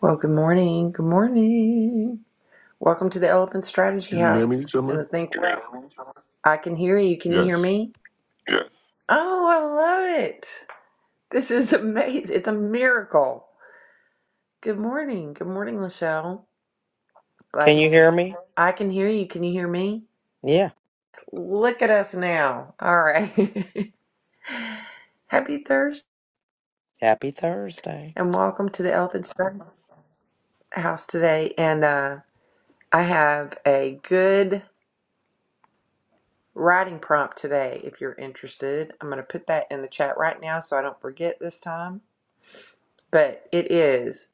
Well, good morning. Good morning. Welcome to the Elephant Strategy Can you hear House me, and Summer? the Think Well. I can hear you. Can you hear Yes. me? Oh, I love it. This is amazing. It's a miracle. Good morning. Good morning, Lachelle. Glad Can to you see hear me? I can hear you. Can you hear me? Yeah. Look at us now. All right. Happy Thursday Happy Thursday. and welcome to the Elephant Strategy House today. And uh, I have a good writing prompt today if you're interested. I'm going to put that in the chat right now so I don't forget this time. But it is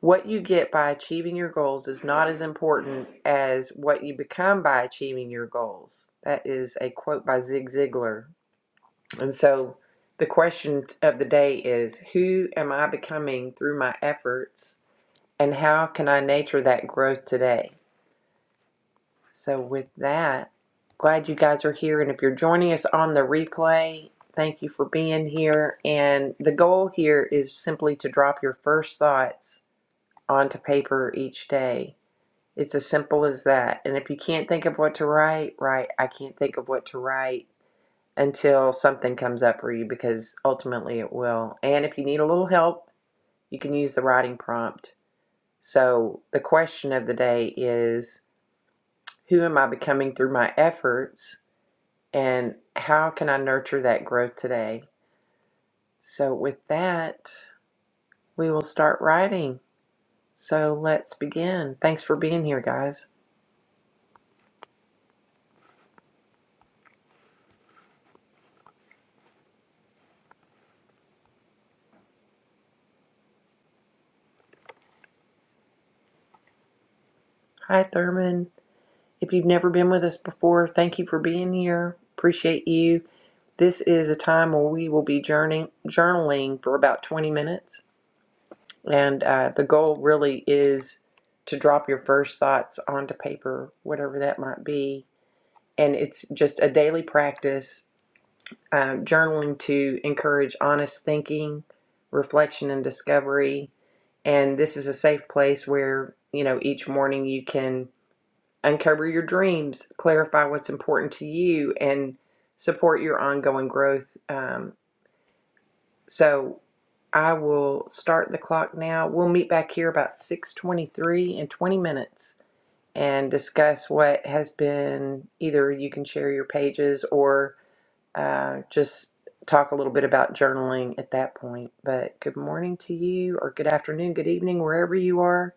what you get by achieving your goals is not as important as what you become by achieving your goals. That is a quote by Zig Ziglar. And so the question of the day is who am I becoming through my efforts and how can I nurture that growth today? So, with that, glad you guys are here. And if you're joining us on the replay, thank you for being here. And the goal here is simply to drop your first thoughts onto paper each day. It's as simple as that. And if you can't think of what to write, write, I can't think of what to write until something comes up for you because ultimately it will. And if you need a little help, you can use the writing prompt. So, the question of the day is Who am I becoming through my efforts? and how can I nurture that growth today? So, with that, we will start writing. So, let's begin. Thanks for being here, guys. Hi, Thurman. If you've never been with us before, thank you for being here. Appreciate you. This is a time where we will be journeying, journaling for about 20 minutes. And uh, the goal really is to drop your first thoughts onto paper, whatever that might be. And it's just a daily practice um, journaling to encourage honest thinking, reflection, and discovery. And this is a safe place where, you know, each morning you can uncover your dreams, clarify what's important to you, and support your ongoing growth. Um, so I will start the clock now. We'll meet back here about 6:23 in 20 minutes and discuss what has been either you can share your pages or uh, just talk a little bit about journaling at that point. But good morning to you, or good afternoon, good evening, wherever you are.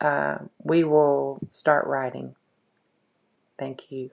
Uh, we will start writing. Thank you.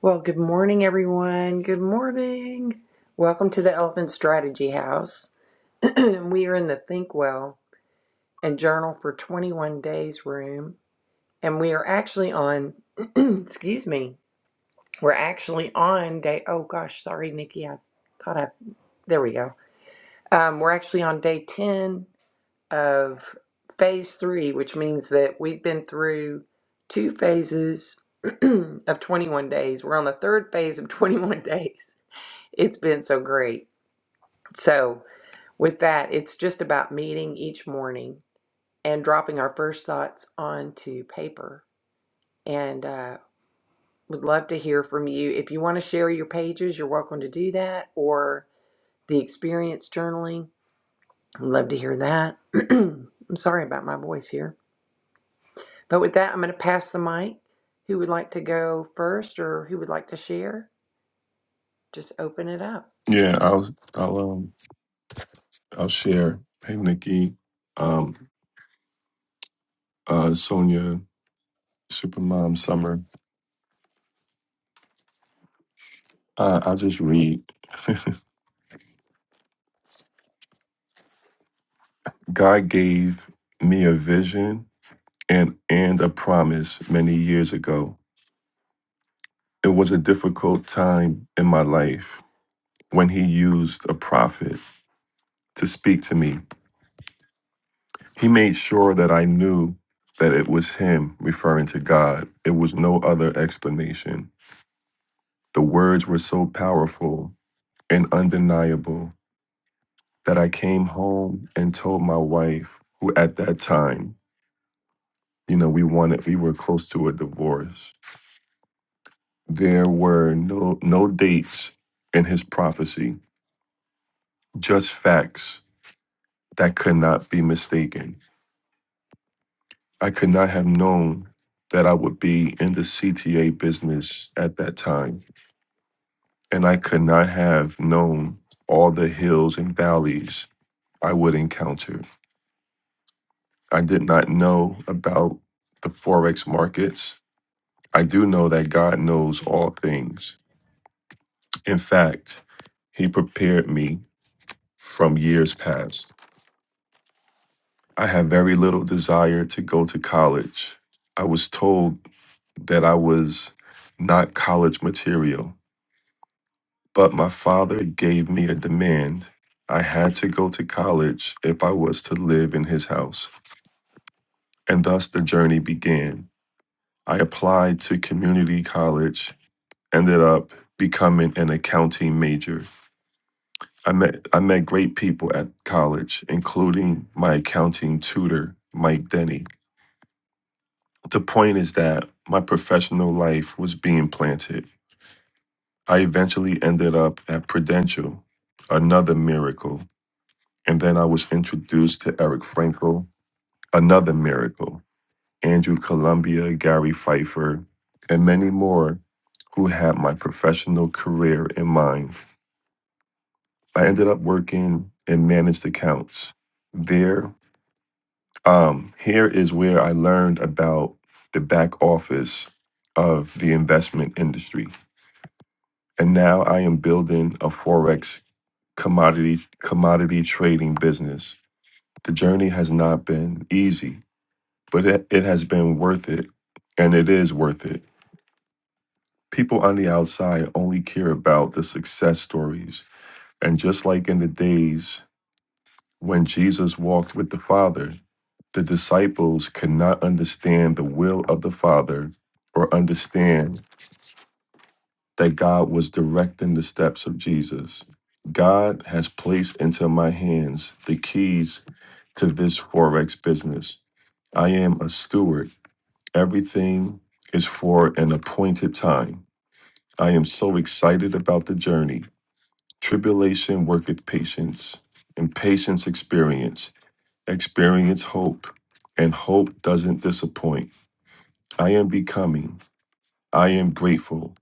Well, good morning, everyone. Good morning. Welcome to the Elephant Strategy House. we are in the Think Well and Journal for 21 Days room, and we are actually on, excuse me, we're actually on day, oh gosh, sorry, Nikki, I thought I, there we go. Um, we're actually on day 10 of phase three, which means that we've been through two phases of 21 days. We're on the third phase of 21 days. It's been so great. So, with that, it's just about meeting each morning and dropping our first thoughts onto paper. And uh, would love to hear from you. If you want to share your pages, you're welcome to do that or the experience journaling I'd love to hear that. I'm sorry about my voice here. But with that, I'm going to pass the mic. Who would like to go first or who would like to share? Just open it up. Yeah, I'll I'll um I'll share. Hey Nikki, um uh Sonia, Supermom Summer. Uh, I'll just read. God gave me a vision and and a promise many years ago. It was a difficult time in my life when he used a prophet to speak to me. He made sure that I knew that it was him referring to God. It was no other explanation. The words were so powerful and undeniable that I came home and told my wife, who at that time, you know, we wanted, we were close to a divorce. There were no no dates in his prophecy, just facts that could not be mistaken. I could not have known that I would be in the CTA business at that time, and I could not have known all the hills and valleys I would encounter. I did not know about the Forex markets. I do know that God knows all things. In fact, He prepared me from years past. I had very little desire to go to college. I was told that I was not college material, but my father gave me a demand. I had to go to college if I was to live in his house. And thus the journey began. I applied to community college ended up becoming an accounting major. I met I met great people at college, including my accounting tutor, Mike Denny. The point is that my professional life was being planted. I eventually ended up at Prudential, another miracle. And then I was introduced to Eric Frankel, another miracle. Andrew Columbia, Gary Pfeiffer, and many more who had my professional career in mind. I ended up working in managed accounts there. Um, here is where I learned about the back office of the investment industry, and now I am building a forex commodity commodity trading business. The journey has not been easy, but it, it has been worth it, and it is worth it. People on the outside only care about the success stories, and just like in the days when Jesus walked with the Father. the disciples could not understand the will of the Father or understand that God was directing the steps of Jesus. God has placed into my hands the keys to this Forex business. I am a steward. Everything is for an appointed time. I am so excited about the journey. Tribulation worketh patience, and patience experience, experience hope, and hope doesn't disappoint. I am becoming. I am grateful.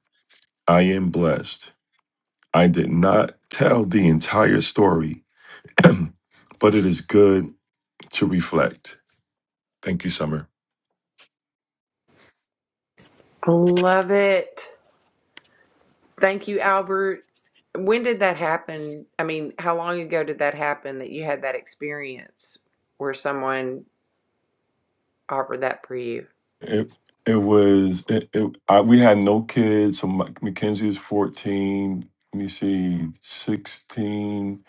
I am blessed. I did not tell the entire story, but it is good to reflect. Thank you, Summer. Love it. Thank you, Albert. When did that happen? I mean, how long ago did that happen that you had that experience where someone offered that for you? It it was it, it I, we had no kids, so my, Mackenzie was fourteen. Let me see, sixteen.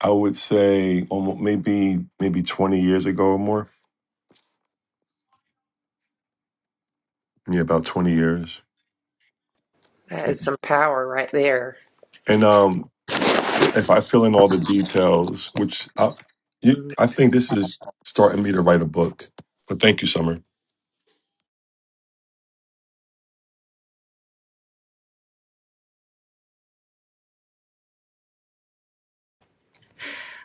I would say almost maybe maybe twenty years ago or more. Yeah, about twenty years. That is some power right there. And um, if I fill in all the details, which I, you, Mhm. I think this is starting me to write a book. But thank you, Summer.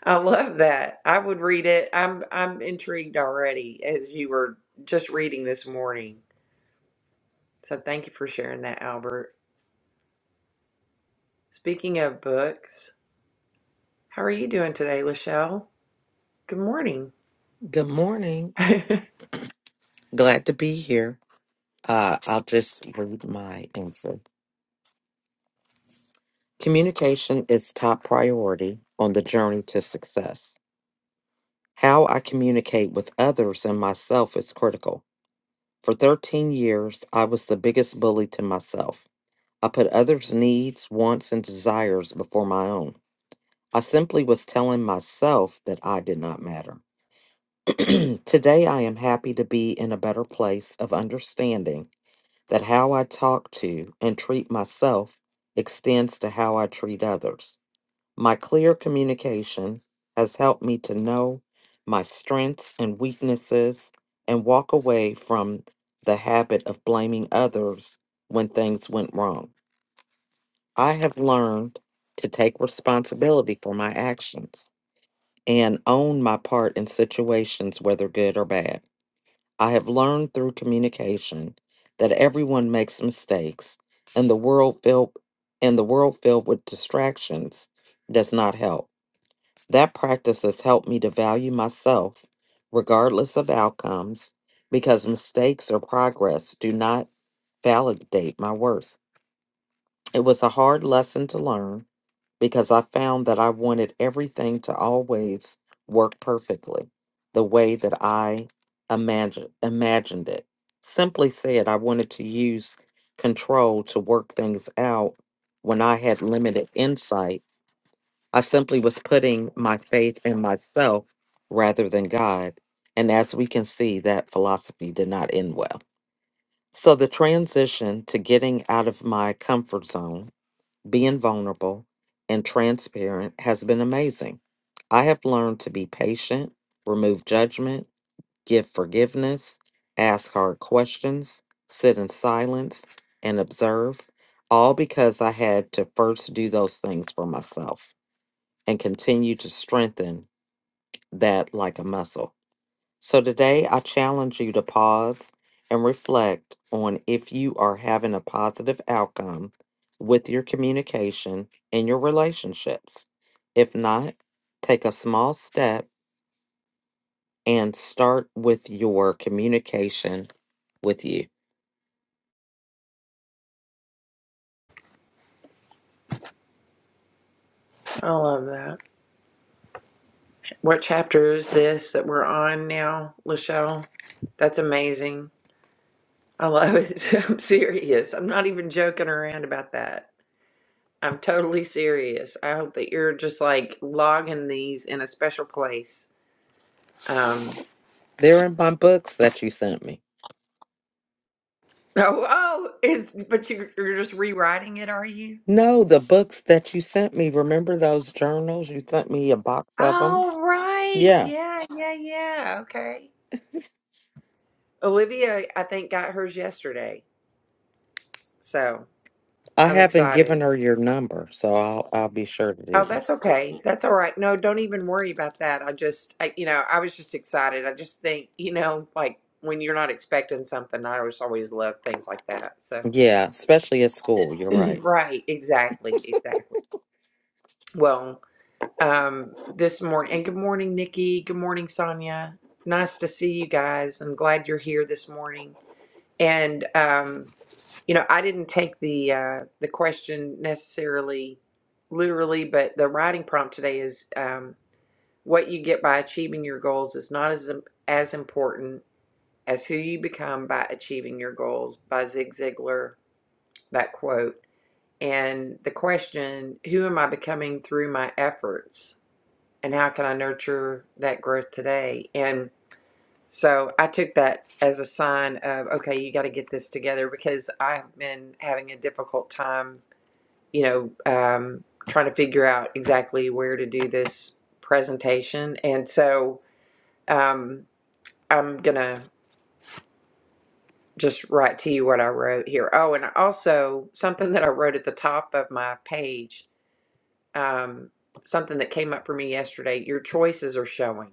I love that. I would read it. I'm I'm intrigued already as you were just reading this morning. So thank you for sharing that, Albert. Speaking of books, how are you doing today, Lachelle? Good morning. Good morning. I Glad to be here. Uh, I'll just read my answer. Communication is top priority on the journey to success. How I communicate with others and myself is critical. For 13 years, I was the biggest bully to myself. I put others' needs, wants, and desires before my own. I simply was telling myself that I did not matter. Today, I am happy to be in a better place of understanding that how I talk to and treat myself extends to how I treat others. My clear communication has helped me to know my strengths and weaknesses and walk away from the habit of blaming others when things went wrong. I have learned to take responsibility for my actions and own my part in situations, whether good or bad. I have learned through communication that everyone makes mistakes and the world filled and the world filled with distractions does not help. That practice has helped me to value myself regardless of outcomes because mistakes or progress do not validate my worth. It was a hard lesson to learn, because I found that I wanted everything to always work perfectly the way that I imagined imagined it. Simply said, I wanted to use control to work things out when I had limited insight. I simply was putting my faith in myself rather than God. And as we can see, that philosophy did not end well. So the transition to getting out of my comfort zone being vulnerable and transparent has been amazing. I have learned to be patient, remove judgment, give forgiveness, ask hard questions, sit in silence, and observe, all because I had to first do those things for myself and continue to strengthen that like a muscle. So today I challenge you to pause and reflect on if you are having a positive outcome with your communication and your relationships. If not, take a small step and start with your communication with you. love that. What chapter is this that we're on now, Lachelle? That's amazing. I love it. I'm serious. I'm not even joking around about that. I'm totally serious. I hope that you're just like logging these in a special place. Um, They're in my books that you sent me. oh, oh, it's but you, you're just rewriting it, are you? No, the books that you sent me. Remember those journals? You sent me a box of them. Oh, right. Yeah, Yeah, yeah, yeah. Okay. Olivia, I think, got hers yesterday. So I I'm haven't given excited. her your number, so I'll I'll be sure to Oh, do that. that's okay. That's all right. No, don't even worry about that. I just, I, you know, I was just excited. I just think, you know, like when you're not expecting something, I just always love things like that. So, Yeah, especially at school. You're right. right. Exactly. Exactly. Well, um, this morning, and good morning, Nikki. Good morning, Sonia. Nice to see you guys. I'm glad you're here this morning. And um, you know, I didn't take the uh, the question necessarily literally, but the writing prompt today is um, what you get by achieving your goals is not as as important as who you become by achieving your goals by Zig Ziglar. That quote and the question: Who am I becoming through my efforts, and how can I nurture that growth today? And so I took that as a sign of, okay, you got to get this together because I've been having a difficult time, you know, um, trying to figure out exactly where to do this presentation. And so um, I'm going to just write to you what I wrote here. Oh, and also something that I wrote at the top of my page, um, something that came up for me yesterday your choices are showing.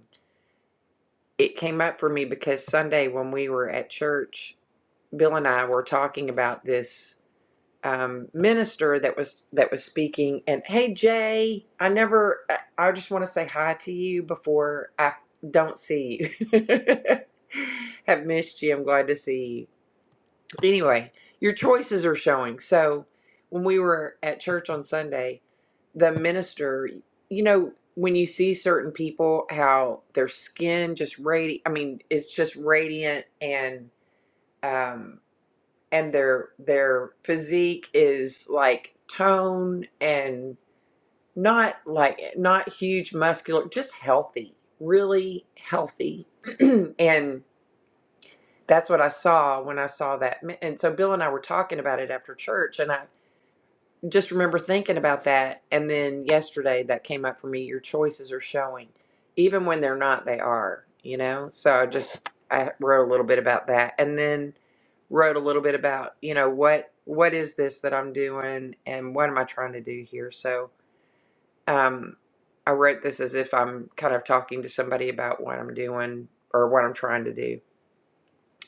It came up for me because Sunday when we were at church, Bill and I were talking about this um, minister that was that was speaking. And hey, Jay, I never. I, I just want to say hi to you before I don't see you. Have missed you. I'm glad to see you. Anyway, your choices are showing. So when we were at church on Sunday, the minister, you know, when you see certain people, how their skin just radi. I mean, it's just radiant and. Um, and their their physique is like tone and not like not huge muscular just healthy really healthy and that's what i saw when i saw that and so bill and i were talking about it after church and i just remember thinking about that and then yesterday that came up for me your choices are showing even when they're not they are you know so i just i wrote a little bit about that and then wrote a little bit about you know what what is this that i'm doing and what am i trying to do here so um i wrote this as if i'm kind of talking to somebody about what i'm doing or what i'm trying to do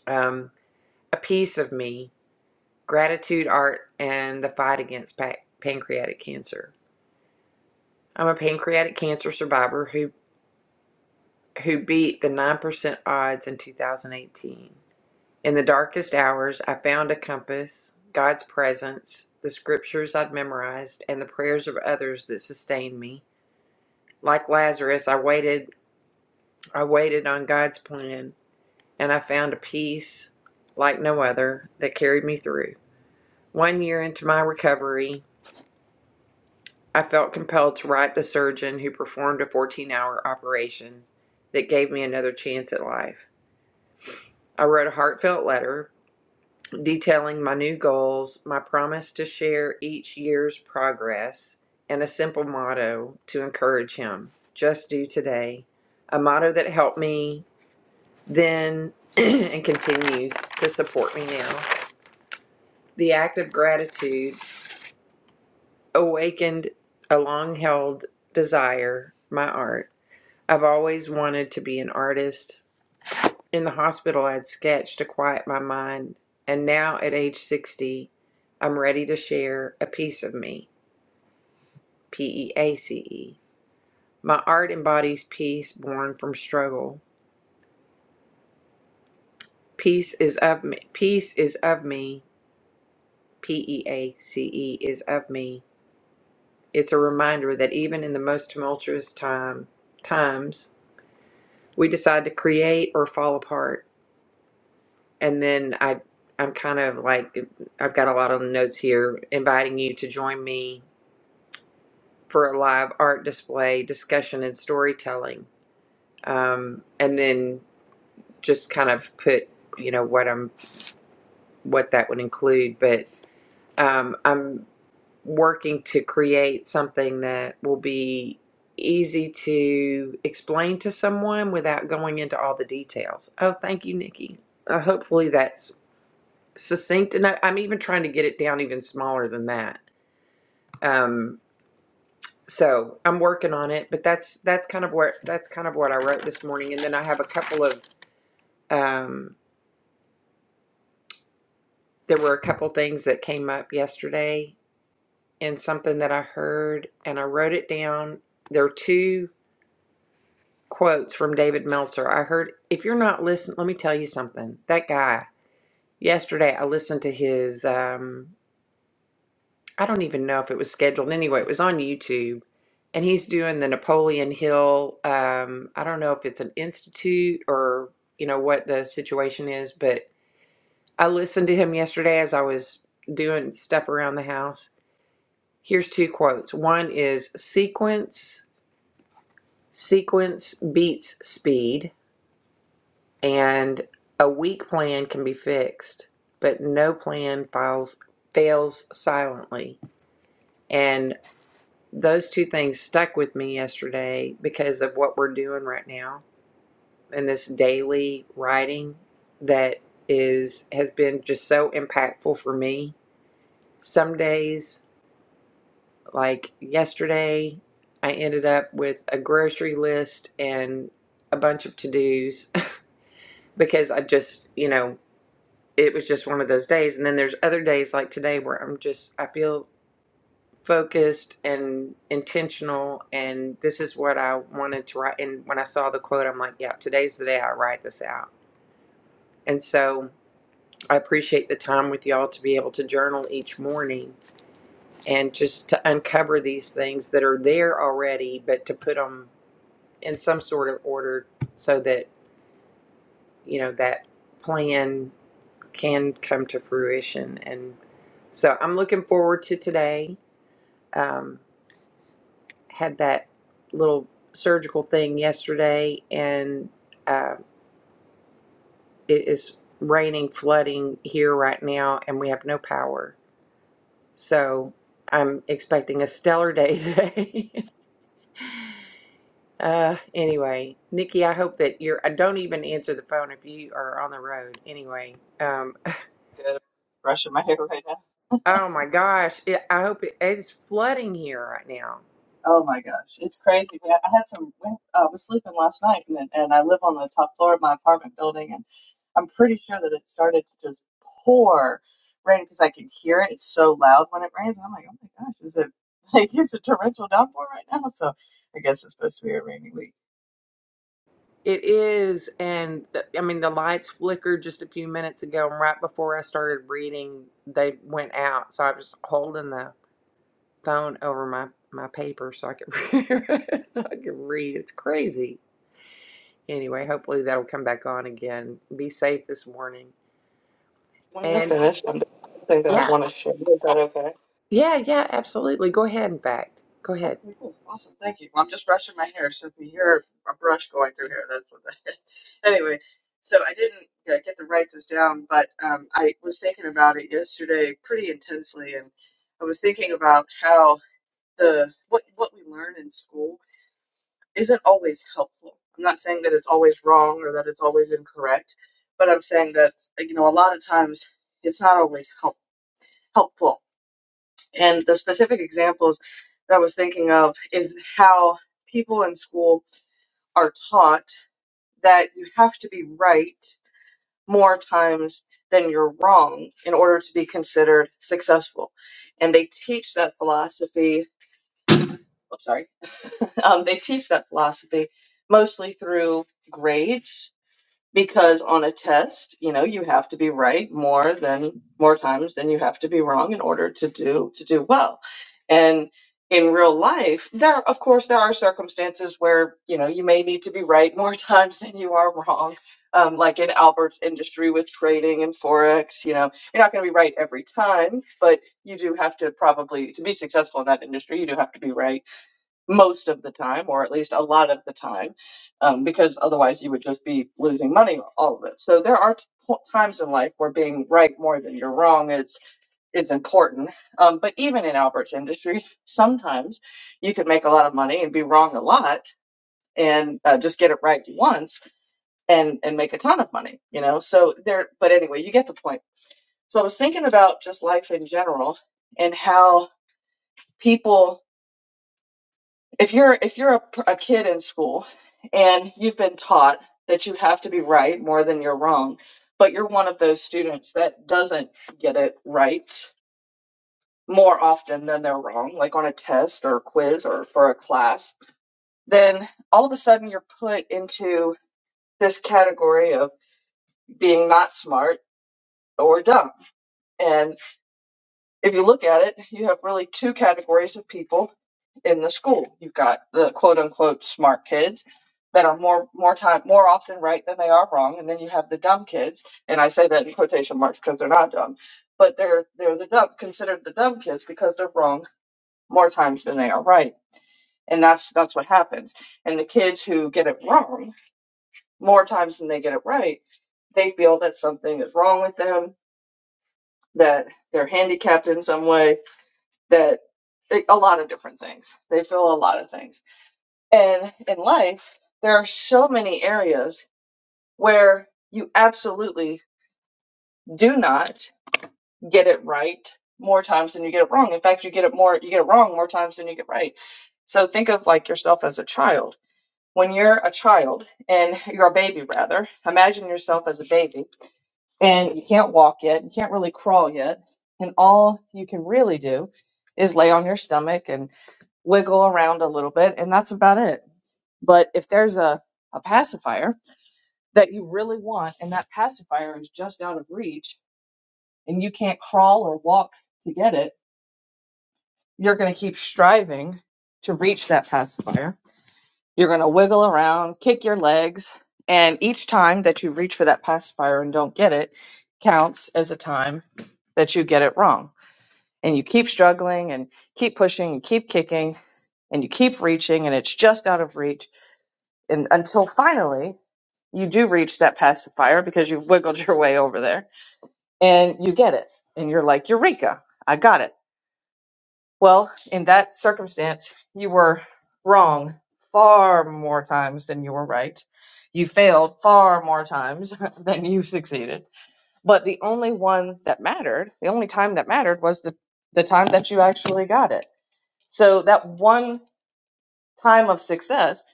um a piece of me gratitude art and the fight against pa- pancreatic cancer I'm a pancreatic cancer survivor who who beat the 9% odds in 2018. In the darkest hours, I found a compass, God's presence, the scriptures I'd memorized, and the prayers of others that sustained me. Like Lazarus, I waited I waited on God's plan, and I found a peace like no other that carried me through. One year into my recovery, I felt compelled to write the surgeon who performed a 14-hour operation that gave me another chance at life. I wrote a heartfelt letter detailing my new goals, my promise to share each year's progress, and a simple motto to encourage him just do today. A motto that helped me then and continues to support me now. The act of gratitude awakened a long held desire, my art. I've always wanted to be an artist, In the hospital, I had sketched to quiet my mind, and now at age 60, I'm ready to share a piece of me, P E A C E. My art embodies peace born from struggle. Peace is of me, peace is of me, P E A C E is of me. It's a reminder that even in the most tumultuous time, times, we decide to create or fall apart. And then I I'm kind of like I've got a lot of notes here inviting you to join me for a live art display, discussion, and storytelling, um, and then just kind of put you know what I'm what that would include. But um, I'm working to create something that will be easy to explain to someone without going into all the details. Oh, thank you, Nikki. Uh, hopefully that's succinct enough. I'm even trying to get it down even smaller than that. Um, so I'm working on it, but that's that's kind of what that's kind of what I wrote this morning. And then I have a couple of um, there were a couple things that came up yesterday and something that I heard and I wrote it down. There are two quotes from David Meltzer. I heard if you're not listening, let me tell you something. That guy yesterday, I listened to his. Um, I don't even know if it was scheduled anyway. It was on YouTube, and he's doing the Napoleon Hill. Um, I don't know if it's an institute or you know what the situation is, but I listened to him yesterday as I was doing stuff around the house. Here's two quotes. One is sequence sequence beats speed, and a weak plan can be fixed, but no plan files fails silently. And those two things stuck with me yesterday because of what we're doing right now and this daily writing that is has been just so impactful for me. Some days, like yesterday, I ended up with a grocery list and a bunch of to-dos because I just, you know, it was just one of those days. And then there's other days like today where I'm just I feel focused and intentional and this is what I wanted to write and when I saw the quote I'm like yeah today's the day I write this out and so I appreciate the time with y'all to be able to journal each morning and just to uncover these things that are there already but to put them in some sort of order so that you know that plan can come to fruition and so I'm looking forward to today um, had that little surgical thing yesterday, and uh, it is raining, flooding here right now, and we have no power. So I'm expecting a stellar day today. uh, anyway, Nikki, I hope that you're. I don't even answer the phone if you are on the road. Anyway, um, good brushing my hair right now. oh my gosh, it, I hope it, it's flooding here right now. Oh my gosh, it's crazy. man. I had some. we- I was sleeping last night, and then- and I live on the top floor of my apartment building, and I'm pretty sure that it started to just pour rain because I can hear it. It's so loud when it rains, and I'm like, oh my gosh, is it like is it torrential downpour right now? So I guess it's supposed to be a rainy week. It is, and th- I mean the lights flickered just a few minutes ago, and right before I started reading, they went out. So I was holding the phone over my my paper so I could so I could read. It's crazy. Anyway, hopefully that'll come back on again. Be safe this morning. When you're And finished, I'm the thing that I yeah, want to share. Is that okay? yeah, yeah, absolutely. Go ahead. In fact, go ahead. Okay, cool. Awesome. Thank you. Well, I'm just brushing my hair, so if you hear a brush going through here, that's what that is. Anyway, so I didn't uh, get to write this down, but um, I was thinking about it yesterday pretty intensely, and I was thinking about how the what what we learn in school isn't always helpful. I'm not saying that it's always wrong or that it's always incorrect, but I'm saying that you know a lot of times it's not always help, helpful and the specific examples that I was thinking of is how people in school are taught that you have to be right more times than you're wrong in order to be considered successful. And they teach that philosophy, I'm sorry, um, they teach that philosophy mostly through grades because on a test, you know, you have to be right more than more times than you have to be wrong in order to do to do well. And in real life, there of course there are circumstances where you know you may need to be right more times than you are wrong. Um, like in Albert's industry with trading and forex, you know, you're not going to be right every time, but you do have to probably to be successful in that industry, you do have to be right most of the time, or at least a lot of the time, um, because otherwise you would just be losing money all of it. So there are t- times in life where being right more than you're wrong is is important. Um, but even in Albert's industry, sometimes you can make a lot of money and be wrong a lot and uh, just get it right once and and make a ton of money you know so there but anyway you get the point so i was thinking about just life in general and how people if you're if you're a, a kid in school and you've been taught that you have to be right more than you're wrong but you're one of those students that doesn't get it right more often than they're wrong like on a test or a quiz or for a class then all of a sudden you're put into this category of being not smart or dumb and if you look at it you have really two categories of people in the school. You've got the quote unquote smart kids that are more more time more often right than they are wrong, and then you have the dumb kids. And I say that in quotation marks because they're not dumb, but they're they're the dumb considered the dumb kids because they're wrong more times than they are right. And that's that's what happens. And the kids who get it wrong more times than they get it right, they feel that something is wrong with them, that they're handicapped in some way, that a lot of different things. They feel a lot of things And in life, there are so many areas where you absolutely do not get it right more times than you get it wrong. In fact, you get it more you get it wrong more times than you get right. So think of like yourself as a child. When you're a child and you're a baby rather, imagine yourself as a baby and you can't walk yet, you can't really crawl yet, and all you can really do is lay on your stomach and wiggle around a little bit and that's about it. But if there's a a pacifier that you really want and that pacifier is just out of reach and you can't crawl or walk to get it, you're going to keep striving to reach that pacifier. You're going to wiggle around, kick your legs, and each time that you reach for that pacifier and don't get it counts as a time that you get it wrong. And you keep struggling and keep pushing and keep kicking and you keep reaching and it's just out of reach and until finally you do reach that pacifier because you've wiggled your way over there and you get it and you're like eureka i got it well in that circumstance you were wrong far more times than you were right you failed far more times than you succeeded but the only one that mattered the only time that mattered was the the time that you actually got it so that one time of success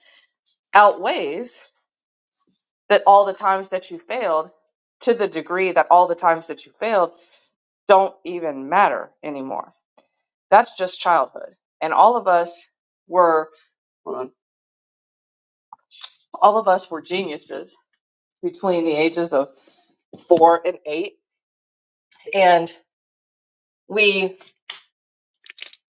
outweighs that all the times that you failed to the degree that all the times that you failed don't even matter anymore That's just childhood. And all of us were, hold on, all of us were geniuses between the ages of four and eight. And we,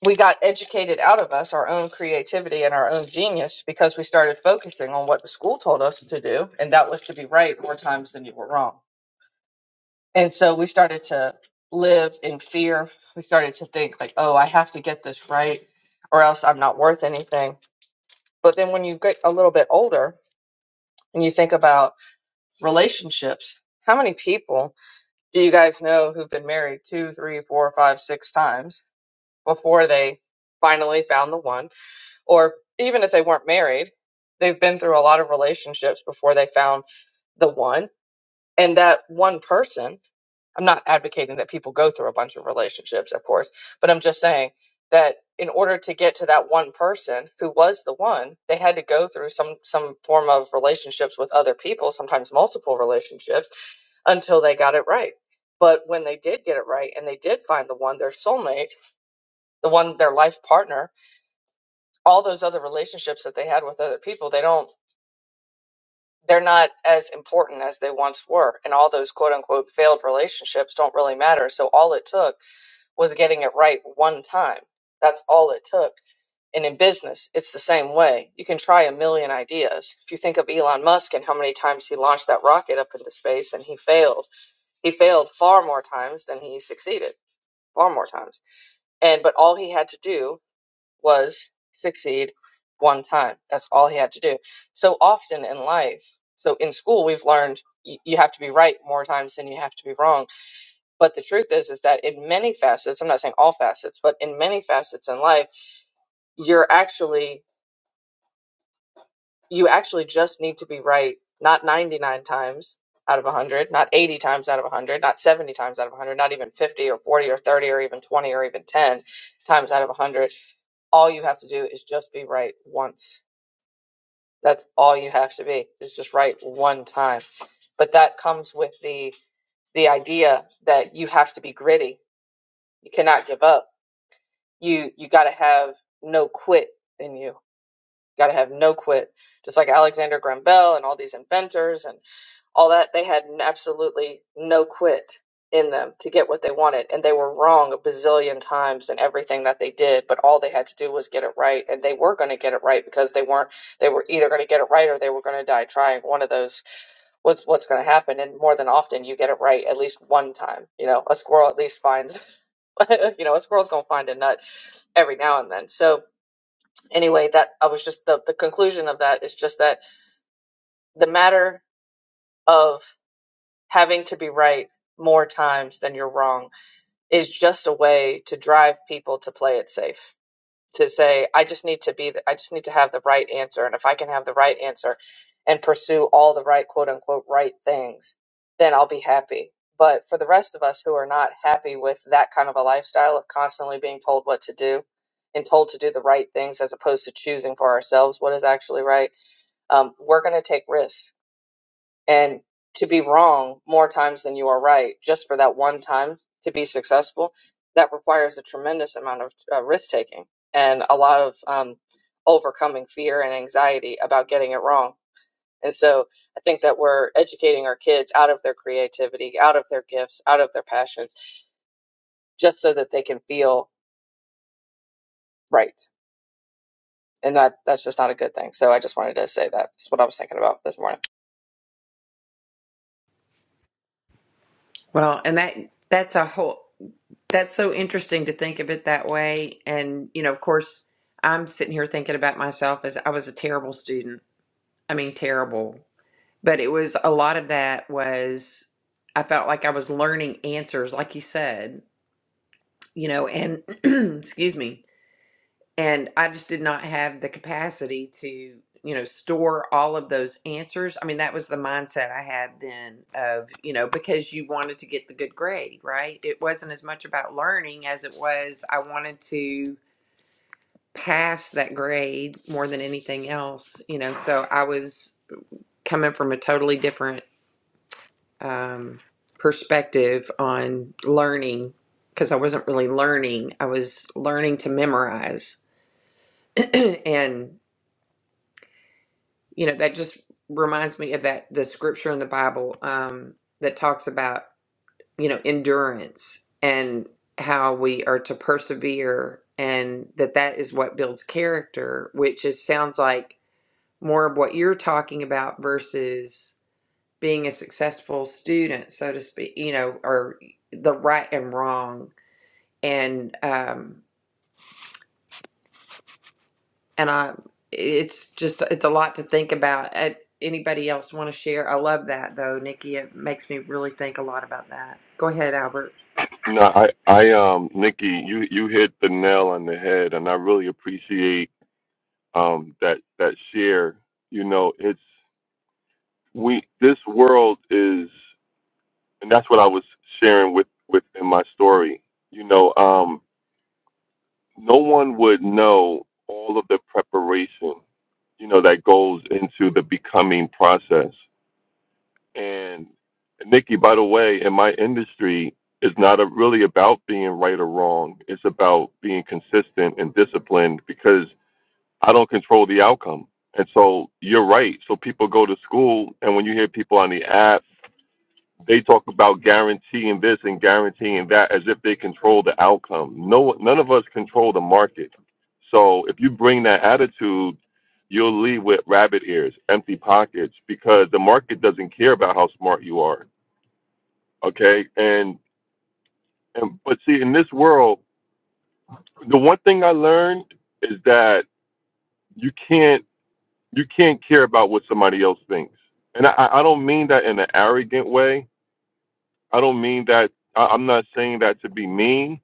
we got educated out of us our own creativity and our own genius because we started focusing on what the school told us to do. And that was to be right more times than you were wrong. And so we started to live in fear. We started to think like, oh, I have to get this right or else I'm not worth anything. But then when you get a little bit older and you think about relationships. How many people do you guys know who've been married two, three, four, five, six times before they finally found the one? Or even if they weren't married, they've been through a lot of relationships before they found the one. And that one person I'm not advocating that people go through a bunch of relationships, of course, but I'm just saying that in order to get to that one person who was the one, they had to go through some some form of relationships with other people, sometimes multiple relationships, until they got it right. But when they did get it right and they did find the one, their soulmate, the one their life partner, all those other relationships that they had with other people, they don't they're not as important as they once were. And all those quote unquote failed relationships don't really matter. So all it took was getting it right one time. That's all it took. And in business, it's the same way. You can try a million ideas. If you think of Elon Musk and how many times he launched that rocket up into space and he failed, he failed far more times than he succeeded, far more times. And but all he had to do was succeed one time. That's all he had to do. So often in life, so in school we've learned you have to be right more times than you have to be wrong but the truth is, is that in many facets, I'm not saying all facets, but in many facets in life, you're actually, you actually just need to be right, not 99 times out of 100, not 80 times out of 100, not 70 times out of 100, not even 50 or 40 or 30 or even 20 or even 10 times out of 100. All you have to do is just be right once. That's all you have to be is just right one time. But that comes with the the idea that you have to be gritty. You cannot give up you you got to have no quit in you. Got to have no quit. Just like Alexander Graham Bell and all these inventors and all that, they had absolutely no quit in them to get what they wanted, and they were wrong a bazillion times in everything that they did. But all they had to do was get it right, and they were going to get it right because they weren't. They were either going to get it right or they were going to die trying. One of those was what's going to happen, and more than often, you get it right at least one time. You know, a squirrel at least finds you know, a squirrel's gonna find a nut every now and then. So anyway, that I was just the the conclusion of that is just that the matter of having to be right more times than you're wrong is just a way to drive people to play it safe to say i just need to be the, i just need to have the right answer and if i can have the right answer and pursue all the right quote unquote right things then i'll be happy but for the rest of us who are not happy with that kind of a lifestyle of constantly being told what to do and told to do the right things as opposed to choosing for ourselves what is actually right um, we're going to take risks and to be wrong more times than you are right just for that one time to be successful that requires a tremendous amount of uh, risk taking and a lot of um, overcoming fear and anxiety about getting it wrong and so i think that we're educating our kids out of their creativity out of their gifts out of their passions just so that they can feel right and that that's just not a good thing so i just wanted to say that that's what i was thinking about this morning Well, and that that's a whole. That's so interesting to think of it that way. And, you know, of course, I'm sitting here thinking about myself as I was a terrible student. I mean, terrible. But it was a lot of that was I felt like I was learning answers, like you said, you know, and excuse me, and I just did not have the capacity to, you know, store all of those answers. I mean, that was the mindset I had then of, you know, because you wanted to get the good grade, right? It wasn't as much about learning as it was I wanted to pass that grade more than anything else, you know. So I was coming from a totally different um, perspective on learning because I wasn't really learning. I was learning to memorize and you know that just reminds me of that the scripture in the bible um that talks about you know endurance and how we are to persevere and that that is what builds character which is sounds like more of what you're talking about versus being a successful student so to speak you know or the right and wrong and um and I it's just it's a lot to think about. Uh anybody else want to share? I love that though, Nikki. It makes me really think a lot about that. Go ahead, Albert. No, I, I, um, Nikki, you, you hit the nail on the head, and I really appreciate um that that share. You know, it's we. This world is. and that's what I was sharing with with in my story. You know, um, no one would know all of the preparation, you know, that goes into the becoming process. And Nikki, by the way, in my industry, it's not a, really about being right or wrong. It's about being consistent and disciplined because I don't control the outcome. And so you're right. So people go to school, and when you hear people on the app They talk about guaranteeing this and guaranteeing that as if they control the outcome. No, none of us control the market. So if you bring that attitude, you'll leave with rabbit ears, empty pockets, because the market doesn't care about how smart you are. Okay, and and but see, in this world, the one thing I learned is that you can't you can't care about what somebody else thinks. And I, I don't mean that in an arrogant way. I don't mean that. I, I'm not saying that to be mean.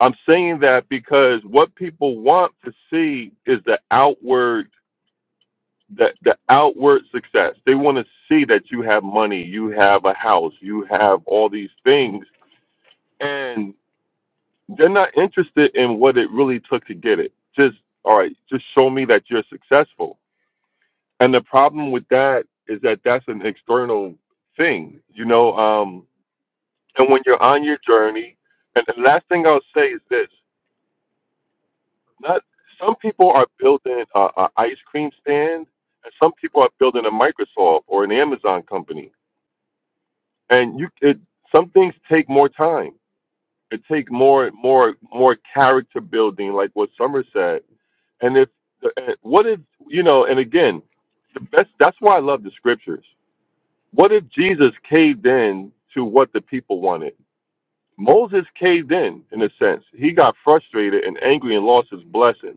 I'm saying that because what people want to see is the outward the, the outward success. They want to see that you have money, you have a house, you have all these things and they're not interested in what it really took to get it. Just all right, just show me that you're successful. And the problem with that is that that's an external thing, you know, um and when you're on your journey and the last thing I'll say is this Not some people are building a, a ice cream stand, and some people are building a Microsoft or an Amazon company. And you, it, some things take more time. It take more, more, more character building, like what Summer said. And if what if you know? And again, the best. That's why I love the scriptures. What if Jesus caved in to what the people wanted? Moses caved in, in a sense. He got frustrated and angry and lost his blessing.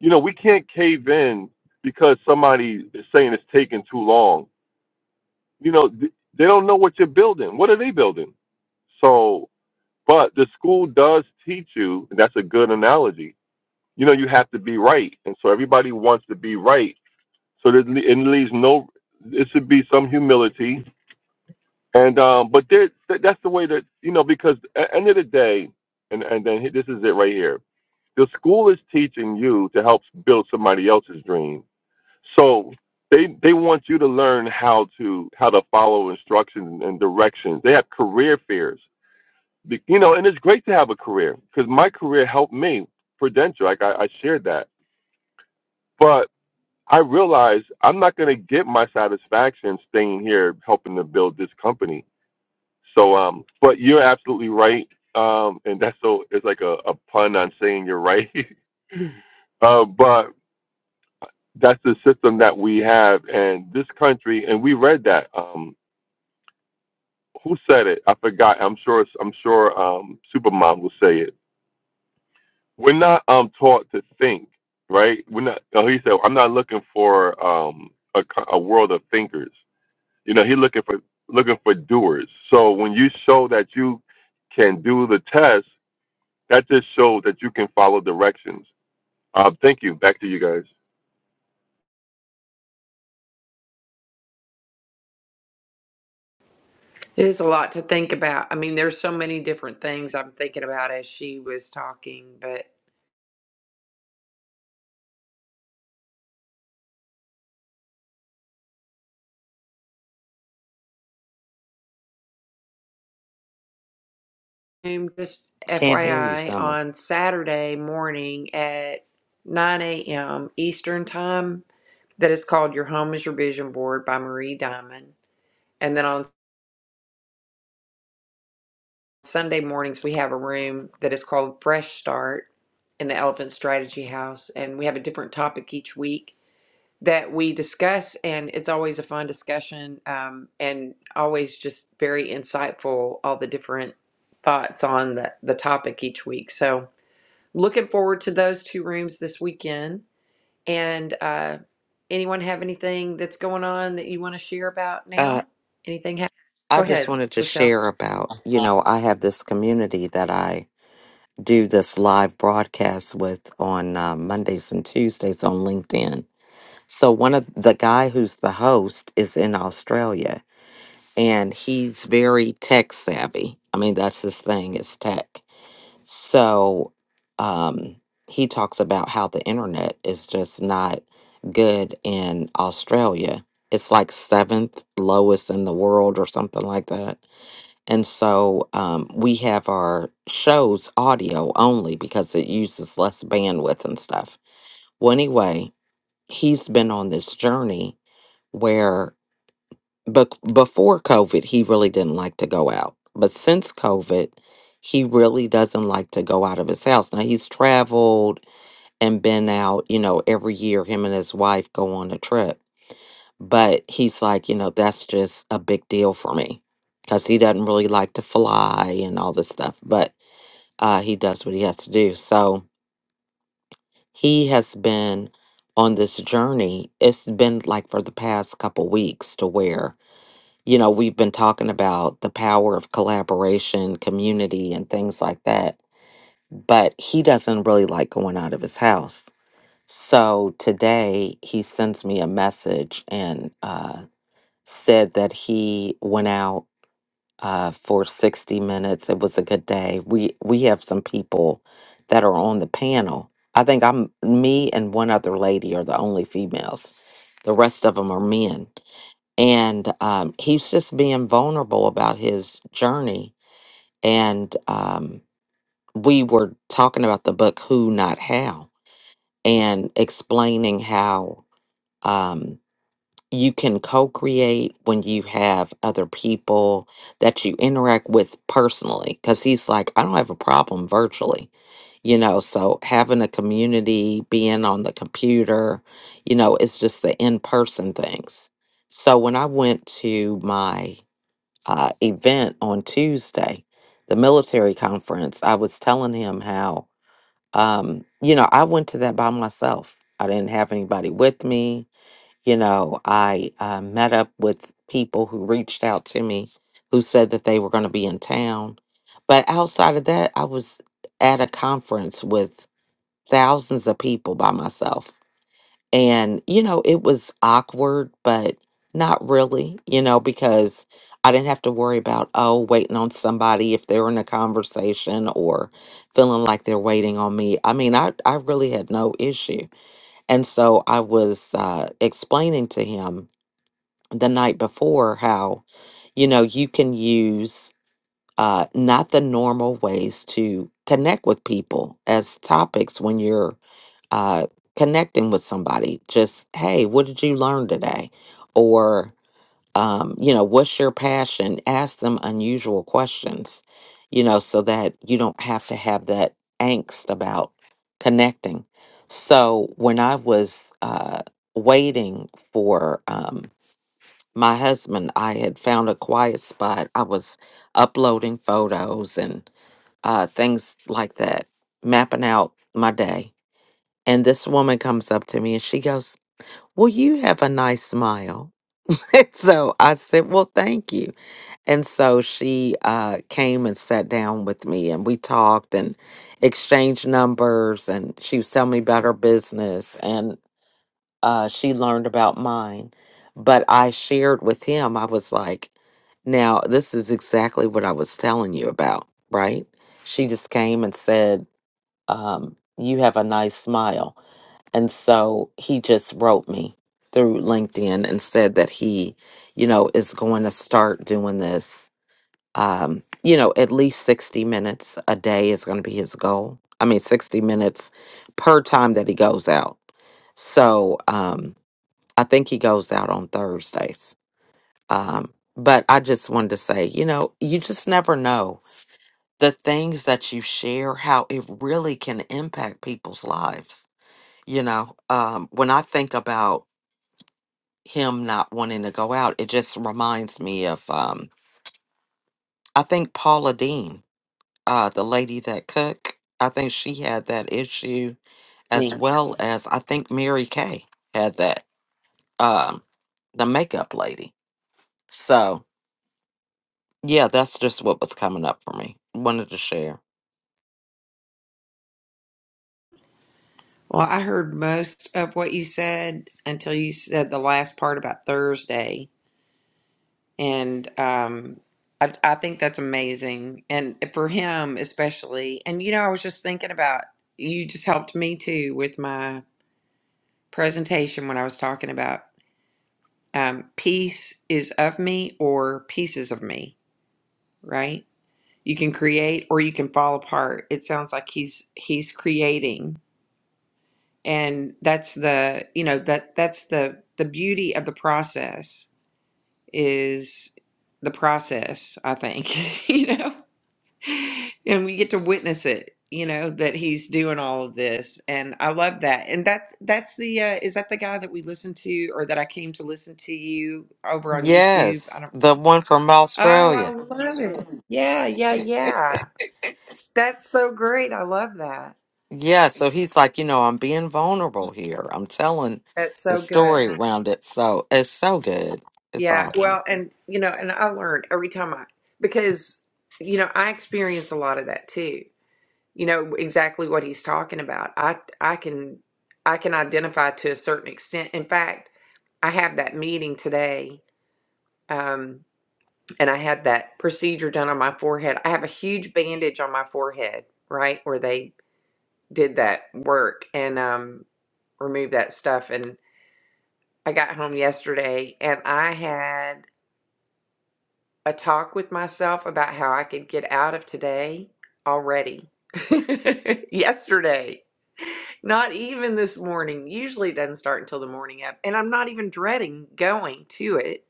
you know, we can't cave in because somebody is saying it's taking too long. You know, th- they don't know what you're building. What are they building? So, but the school does teach you, and that's a good analogy. You know, you have to be right, and so everybody wants to be right. So that le- it leaves no. It should be some humility, and um, but there, th- that's the way that you know because at the end of the day, and and then he- this is it right here. The school is teaching you to help build somebody else's dream So they they want you to learn how to how to follow instructions and directions. They have career fairs, Be- you know, and it's great to have a career because my career helped me. Prudential, like I, I shared that, but I realized I'm not going to get my satisfaction staying here helping to build this company. So, um, but you're absolutely right, um, and that's so it's like a, a pun on saying you're right. uh, but that's the system that we have in this country and we read that um who said it i forgot i'm sure i'm sure um supermom will say it we're not um taught to think right we're not oh, he said i'm not looking for um a, co- a world of thinkers you know he's looking for looking for doers so when you show that you can do the test that just shows that you can follow directions um thank you back to you guys It is a lot to think about. I mean, there's so many different things I'm thinking about as she was talking, but um, just Can't hear you, FYI, Summer. on Saturday morning at 9 a.m. Eastern Time, that is called Your Home is Your Vision Board by Marie Diamond. And then on Sunday mornings, we have a room that is called Fresh Start in the Elephant Strategy House, and we have a different topic each week that we discuss, and it's always a fun discussion um, and always just very insightful, all the different thoughts on the, the topic each week. So, looking forward to those two rooms this weekend. And uh, anyone have anything that's going on that you want to share about Uh, now? Anything happening? I Go just ahead, wanted to Lachelle. share about, you know, I have this community that I do this live broadcast with on uh, Mondays and Tuesdays on LinkedIn. So one of the guy who's the host is in Australia and he's very tech savvy. I mean, that's his thing is tech. So um, he talks about how the internet is just not good in Australia. It's like seventh lowest in the world or something like that. And so um, we have our shows audio only because it uses less bandwidth and stuff. Well, anyway, he's been on this journey where but before COVID, he really didn't like to go out. But since COVID, he really doesn't like to go out of his house. Now he's traveled and been out, you know, every year him and his wife go on a trip. But he's like, you know, that's just a big deal for me because he doesn't really like to fly and all this stuff. But uh, he does what he has to do. So he has been on this journey. It's been like for the past couple weeks to where you know, we've been talking about the power of collaboration, community, and things like that. But he doesn't really like going out of his house. So today he sends me a message and uh, said that he went out uh, for 60 minutes. It was a good day. We we have some people that are on the panel. I think I'm me and one other lady are the only females. The rest of them are men and um, he's just being vulnerable about his journey. And um, we were talking about the book Who Not How and explaining how um, you can co create when you have other people that you interact with personally. Because he's like, I don't have a problem virtually. You know, so having a community, being on the computer, you know, it's just the in person things. So when I went to my uh, event on Tuesday, the military conference, I was telling him how, um, you know, I went to that by myself. I didn't have anybody with me. You know, I uh, met up with people who reached out to me who said that they were going to be in town. But outside of that, I was at a conference with thousands of people by myself and, you know, it was awkward, but not really, you know, because I didn't have to worry about, oh, waiting on somebody if they were in a conversation or feeling like they're waiting on me. I mean, I, I really had no issue. And so I was uh, explaining to him the night before how, you know, you can use uh, not the normal ways to connect with people as topics when you're uh, connecting with somebody. Just, hey, what did you learn today? Or, um, you know, what's your passion? Ask them unusual questions, you know, so that you don't have to have that angst about connecting. So when I was uh, waiting for um, my husband, I had found a quiet spot. I was uploading photos and uh, things like that, mapping out my day and this woman comes up to me and she goes, Well, you have a nice smile. And so I said, Well, thank you. And so she uh, came and sat down with me and we talked and exchanged numbers. And she was telling me about her business and uh, she learned about mine. But I shared with him, I was like, Now, this is exactly what I was telling you about, right? She just came and said, um, You have a nice smile and so he just wrote me through LinkedIn and said that he, you know, is going to start doing this. Um, you know, at least 60 minutes a day is going to be his goal. I mean, 60 minutes per time that he goes out. So um, I think he goes out on Thursdays. Um, but I just wanted to say, you know, you just never know the things that you share, how it really can impact people's lives. You know, um, when I think about him not wanting to go out. It just reminds me of um I think Paula Dean, uh the lady that cook, I think she had that issue Me. as well as I think Mary Kay had that um the makeup lady. So, yeah, that's just what was coming up for me. Wanted to share. Well, I heard most of what you said until you said the last part about Thursday, and um, I, I think that's amazing, and for him especially. And you know, I was just thinking about you. Just helped me too with my presentation when I was talking about um, peace is of me or pieces of me, right? You can create or you can fall apart. It sounds like he's he's creating and that's the you know that that's the the beauty of the process is the process i think you know and we get to witness it you know that he's doing all of this and i love that and that's that's the uh is that the guy that we listened to or that i came to listen to you over on youtube i Yes, don't the remember one from oh i Australia. love it yeah yeah yeah that's so great i love that Yeah, so he's like, you know, I'm being vulnerable here. I'm telling that's the so good story around it. So, it's so good. It's Yeah, awesome. well, and you know, and I learned every time I because you know, I experience a lot of that too. You know, exactly what he's talking about. I I can I can identify to a certain extent. In fact, I have that meeting today, um, and I had that procedure done on my forehead. I have a huge bandage on my forehead, right, where they did that work and um removed that stuff and I got home yesterday and I had a talk with myself about how I could get out of today already. Yesterday. Not even this morning. Usually it doesn't start until the morning up. And I'm not even dreading going to it.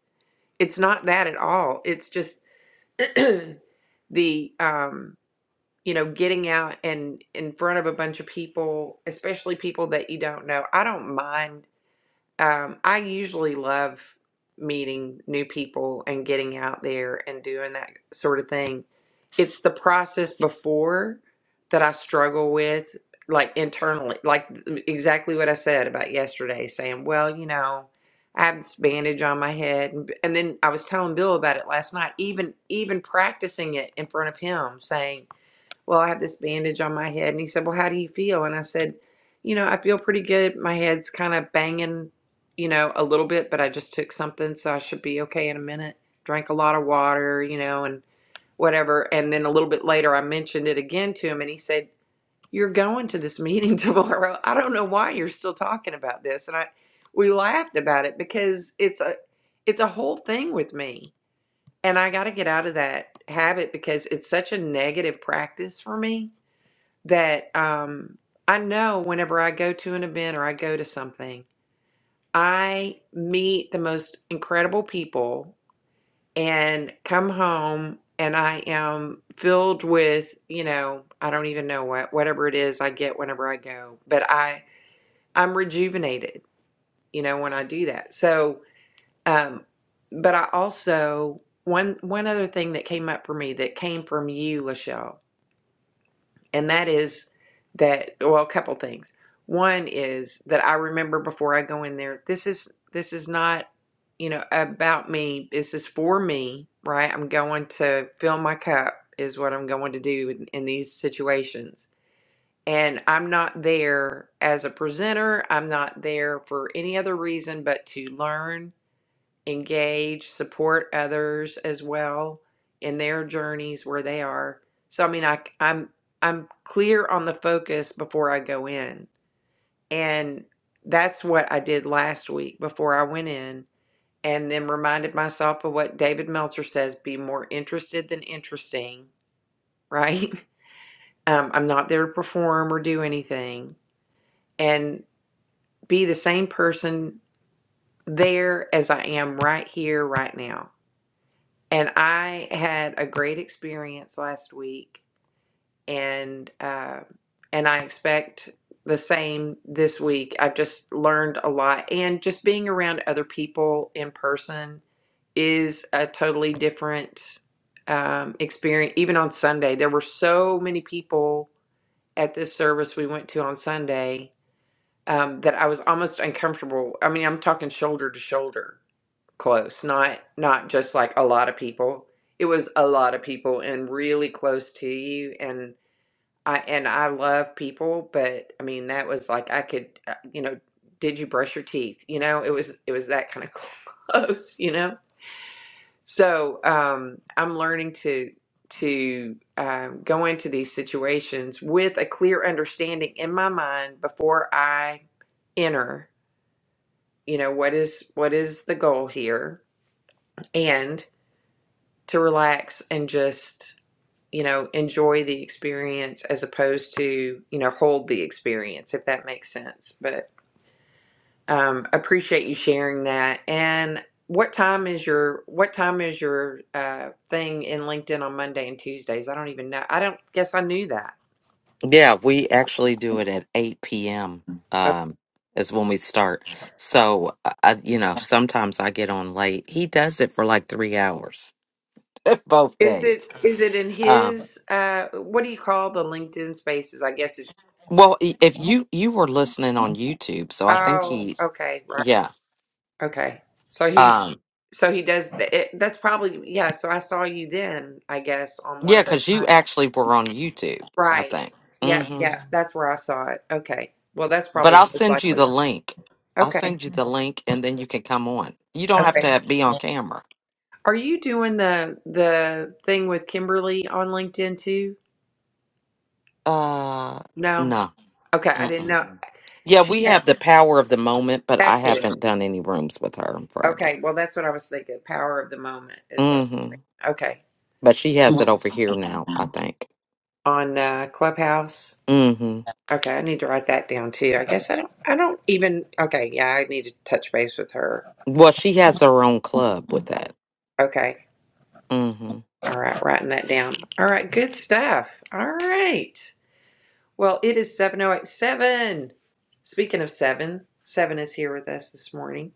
It's not that at all. It's just the um you know getting out and in front of a bunch of people especially people that you don't know i don't mind um, I usually love meeting new people and getting out there and doing that sort of thing. It's the process before that I struggle with, like internally, like exactly what I said about yesterday, saying, well, you know, I have this bandage on my head. And, and then I was telling Bill about it last night, even even practicing it in front of him, saying, well, I have this bandage on my head. And he said, well, how do you feel? And I said, you know, I feel pretty good. My head's kind of banging, you know, a little bit, but I just took something, so I should be okay in a minute. Drank a lot of water, you know, and whatever. And then a little bit later, I mentioned it again to him, and he said, you're going to this meeting tomorrow. I don't know why you're still talking about this. And I, we laughed about it because it's a, it's a whole thing with me. And I got to get out of that habit because it's such a negative practice for me that um, I know whenever I go to an event or I go to something, I meet the most incredible people and come home and I am filled with, you know, I don't even know what, whatever it is I get whenever I go, but I, I'm rejuvenated, you know, when I do that. So, um, but I also, one, one other thing that came up for me that came from you, Lachelle and that is that well a couple things one is that i remember before i go in there this is this is not you know about me this is for me right i'm going to fill my cup is what i'm going to do in, in these situations and i'm not there as a presenter i'm not there for any other reason but to learn engage, support others as well in their journeys where they are. So I mean, I I'm I'm clear on the focus before I go in. And that's what I did last week before I went in and then reminded myself of what David Meltzer says, be more interested than interesting, right? Um, I'm not there to perform or do anything and be the same person there as I am right here, right now And I had a great experience last week, and uh, and I expect the same this week. I've just learned a lot, and just being around other people in person is a totally different um, experience. Even on Sunday, there were so many people at this service we went to on Sunday um, that I was almost uncomfortable. I mean, I'm talking shoulder to shoulder close not not just like a lot of people it was a lot of people and really close to you and i and i love people but i mean that was like i could uh, you know did you brush your teeth you know it was it was that kind of close you know so um i'm learning to to um, go into these situations with a clear understanding in my mind before i enter you know what is what is the goal here and to relax and just you know enjoy the experience as opposed to you know hold the experience if that makes sense but um appreciate you sharing that and what time is your what time is your uh thing in linkedin on monday and tuesdays i don't even know i don't guess i knew that Yeah, we actually do it at 8 p.m. Uh, Um, is when we start. So, I, I- you know, sometimes I get on late. He does it for like three hours both is days. it is it in Um, his uh what do you call the linkedin spaces i guess it's well, i- if you you were listening on YouTube, so I think oh he, okay right yeah, okay so he's um, So he does th- it, that's probably yeah, so I saw you then, I guess, on one yeah, of those because you nights. actually were on YouTube, I Right. think. Yep, Mm-hmm. yeah, that's where I saw it. Okay. Well, that's But probably I'll most send you likely. the link. I'll Okay. send you the link, and then you can come on. You don't have Okay. to be on camera. Are you doing the the thing with Kimberly on LinkedIn too? Uh, No. no. Okay, I didn't Mm-mm. know. Yeah, She we have the power of the moment, but I that's it. haven't done any rooms with her in forever. Okay, well that's what I was thinking. Power of the moment is what hmm Okay. But she has it over here now, I think. On uh Clubhouse. hmm Okay, I need to write that down too. I guess I don't I don't even okay, yeah, I need to touch base with her. Well, she has her own club with that. Okay. hmm All right. Writing that down. All right. Good stuff. All right. Well, it is seven oh eight seven. Speaking of seven, seven is here with us this morning.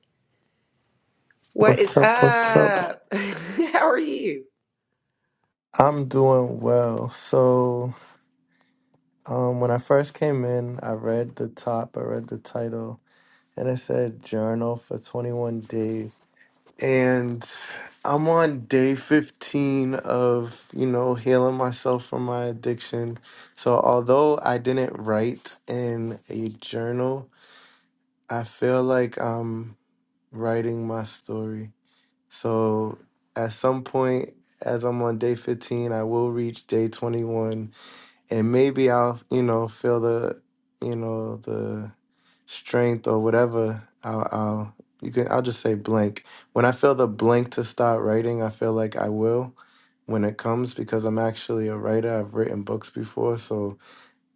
What is What's up? What's up? up? How are you? I'm doing well. So, um, when I first came in, I read the top, I read the title, and it said journal for 21 days. And I'm on day 15 of, you know, healing myself from my addiction. So, although I didn't write in a journal, I feel like I'm writing my story. So at some point, as I'm on day 15, I will reach day 21, and maybe I'll, you know, feel the, you know, the strength or whatever. I'll, I'll you can, I'll just say blank. When I feel the blank to start writing, I feel like I will when it comes because I'm actually a writer. I've written books before, so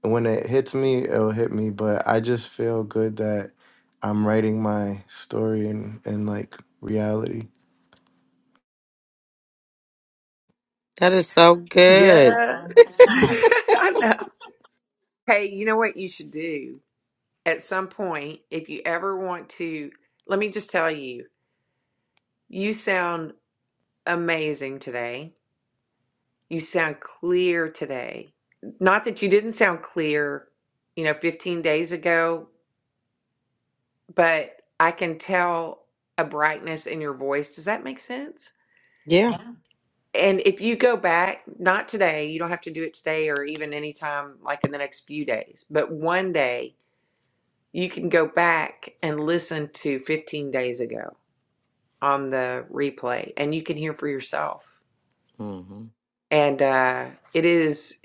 when it hits me, it'll hit me. But I just feel good that I'm writing my story and and like reality. That is so good. Yeah. I know. Hey, you know what you should do? At some point, if you ever want to, let me just tell you, you sound amazing today. You sound clear today. Not that you didn't sound clear, you know, 15 days ago, but I can tell a brightness in your voice. Does that make sense? Yeah. And if you go back, not today, you don't have to do it today or even anytime like in the next few days, but one day you can go back and listen to 15 days ago on the replay and you can hear for yourself. hmm And uh, it is,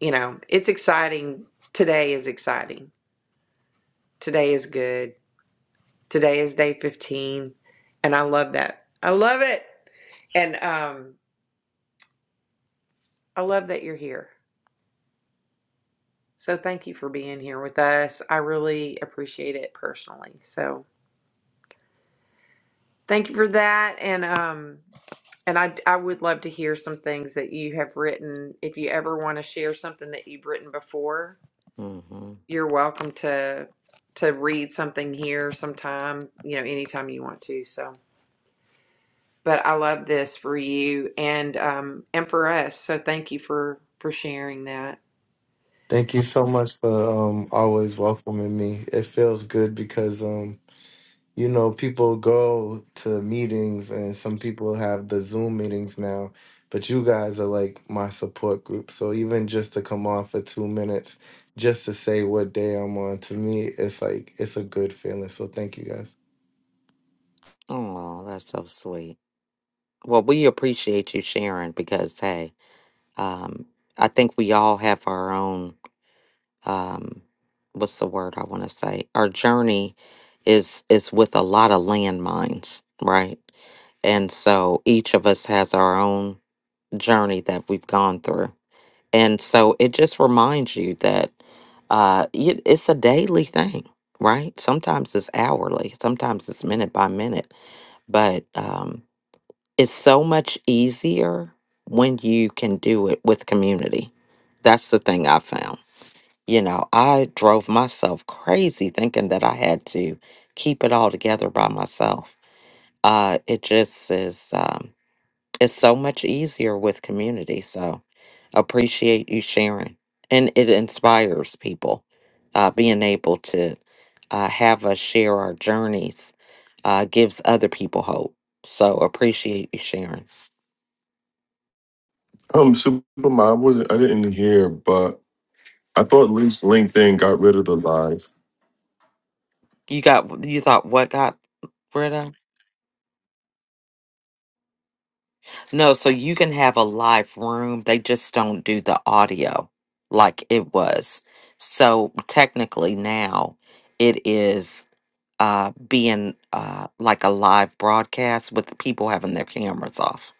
you know, it's exciting. Today is exciting Today is good. Today is day 15. And I love that. I love it. And um, I love that you're here. So thank you for being here with us. I really appreciate it personally. So thank you for that. And um, and I I would love to hear some things that you have written. If you ever want to share something that you've written before, hmm you're welcome to to read something here sometime, you know, anytime you want to. So but I love this for you and um and for us. So thank you for for sharing that. Thank you so much for um, always welcoming me. It feels good because um, you know people go to meetings and some people have the Zoom meetings now, but you guys are like my support group. So even just to come on for two minutes, just to say what day I'm on, to me it's like it's a good feeling. So thank you guys. Oh, that's so sweet. Well, we appreciate you sharing because hey, um, I think we all have our own um what's the word I wanna say? Our journey is is with a lot of landmines, right? And so each of us has our own journey that we've gone through. And so it just reminds you that uh, y- it's a daily thing, right? Sometimes it's hourly, sometimes it's minute by minute, but um, it's so much easier when you can do it with community. That's the thing I found. You know, I drove myself crazy thinking that I had to keep it all together by myself. Uh, it just is. Um, it's so much easier with community. So appreciate you sharing. And it inspires people uh, being able to uh, have us share our journeys, uh, gives other people hope. So appreciate you sharing. Um, Supermom, I wasn't, I didn't hear, but I thought Lin- LinkedIn got rid of the live, You got, you thought what got rid of? No, so you can have a live room. They just don't do the audio like it was. So technically now it is uh, being uh, like a live broadcast with people having their cameras off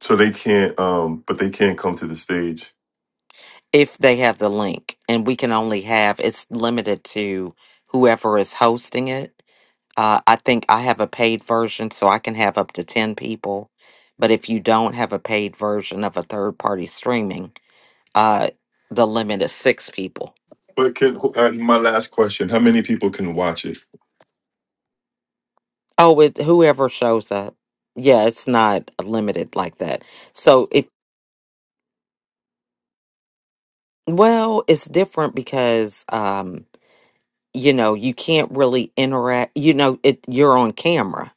so they can't. Um, but they can't come to the stage. if they have the link and we can only have it's limited to whoever is hosting it uh, i think i have a paid version so i can have up to 10 people but if you don't have a paid version of a third party streaming uh, the limit is six people But can uh, my last question? How many people can watch it? oh with whoever shows up yeah it's not limited like that so if well it's different because um you know you can't really interact you know it you're on camera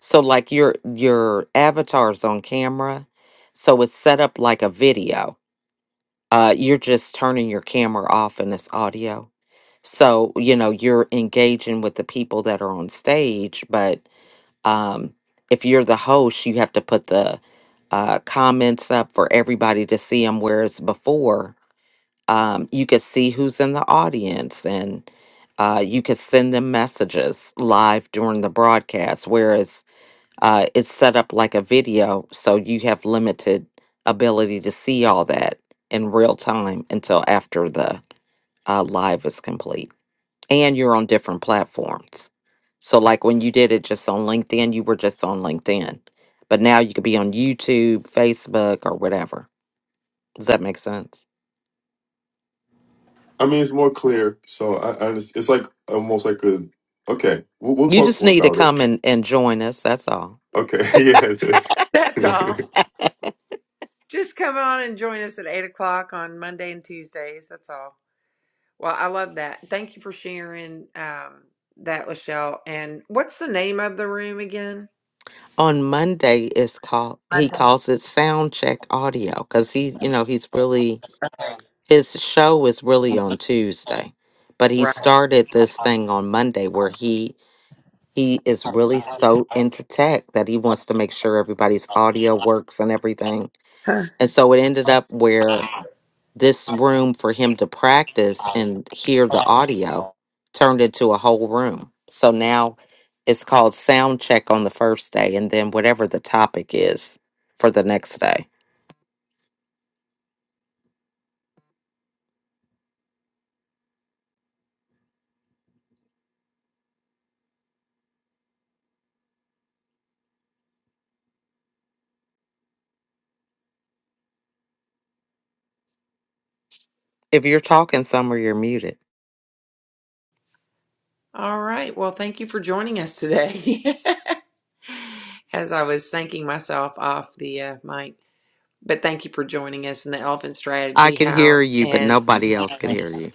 so like your your avatar's on camera so it's set up like a video uh you're just turning your camera off and it's audio so you know you're engaging with the people that are on stage but um if you're the host you have to put the uh comments up for everybody to see them whereas before um, you could see who's in the audience and uh, you could send them messages live during the broadcast, whereas uh, it's set up like a video, so you have limited ability to see all that in real time until after the uh, live is complete. And you're on different platforms. So, like when you did it just on LinkedIn, you were just on LinkedIn. But now you could be on YouTube, Facebook, or whatever. Does that make sense? I mean, it's more clear. So I, I just, it's like almost like a. Okay, we'll, we'll You talk just more need to about come it. and, and join us. That's all. Okay, That's yeah. all. Just come on and join us at eight o'clock on Monday and Tuesdays. That's all. Well, I love that. Thank you for sharing um that, Lachelle. And what's the name of the room again? On Monday is called he Monday. calls it sound check audio because he you know he's really his show is really on Tuesday, but he Right. started this thing on Monday where he he is really so into tech that he wants to make sure everybody's audio works and everything. Huh. And so it ended up where this room for him to practice and hear the audio turned into a whole room. So now it's called sound check on the first day and then whatever the topic is for the next day. If you're talking somewhere, you're muted. All right. Well, thank you for joining us today. As I was thanking myself off the uh, mic. But thank you for joining us in the Elephant I Strategy could hear House. you, but And nobody else could hear you.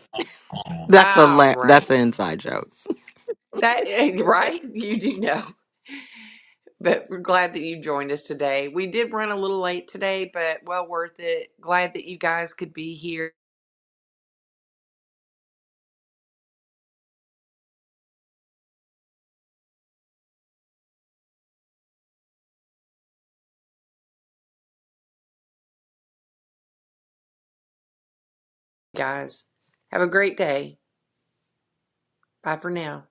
Um, That's a all la- right, that's an inside joke. that right, you do know. But we're glad that you joined us today. We did run a little late today, but well worth it. Glad that you guys could be here. Guys, have a great day. Bye for now.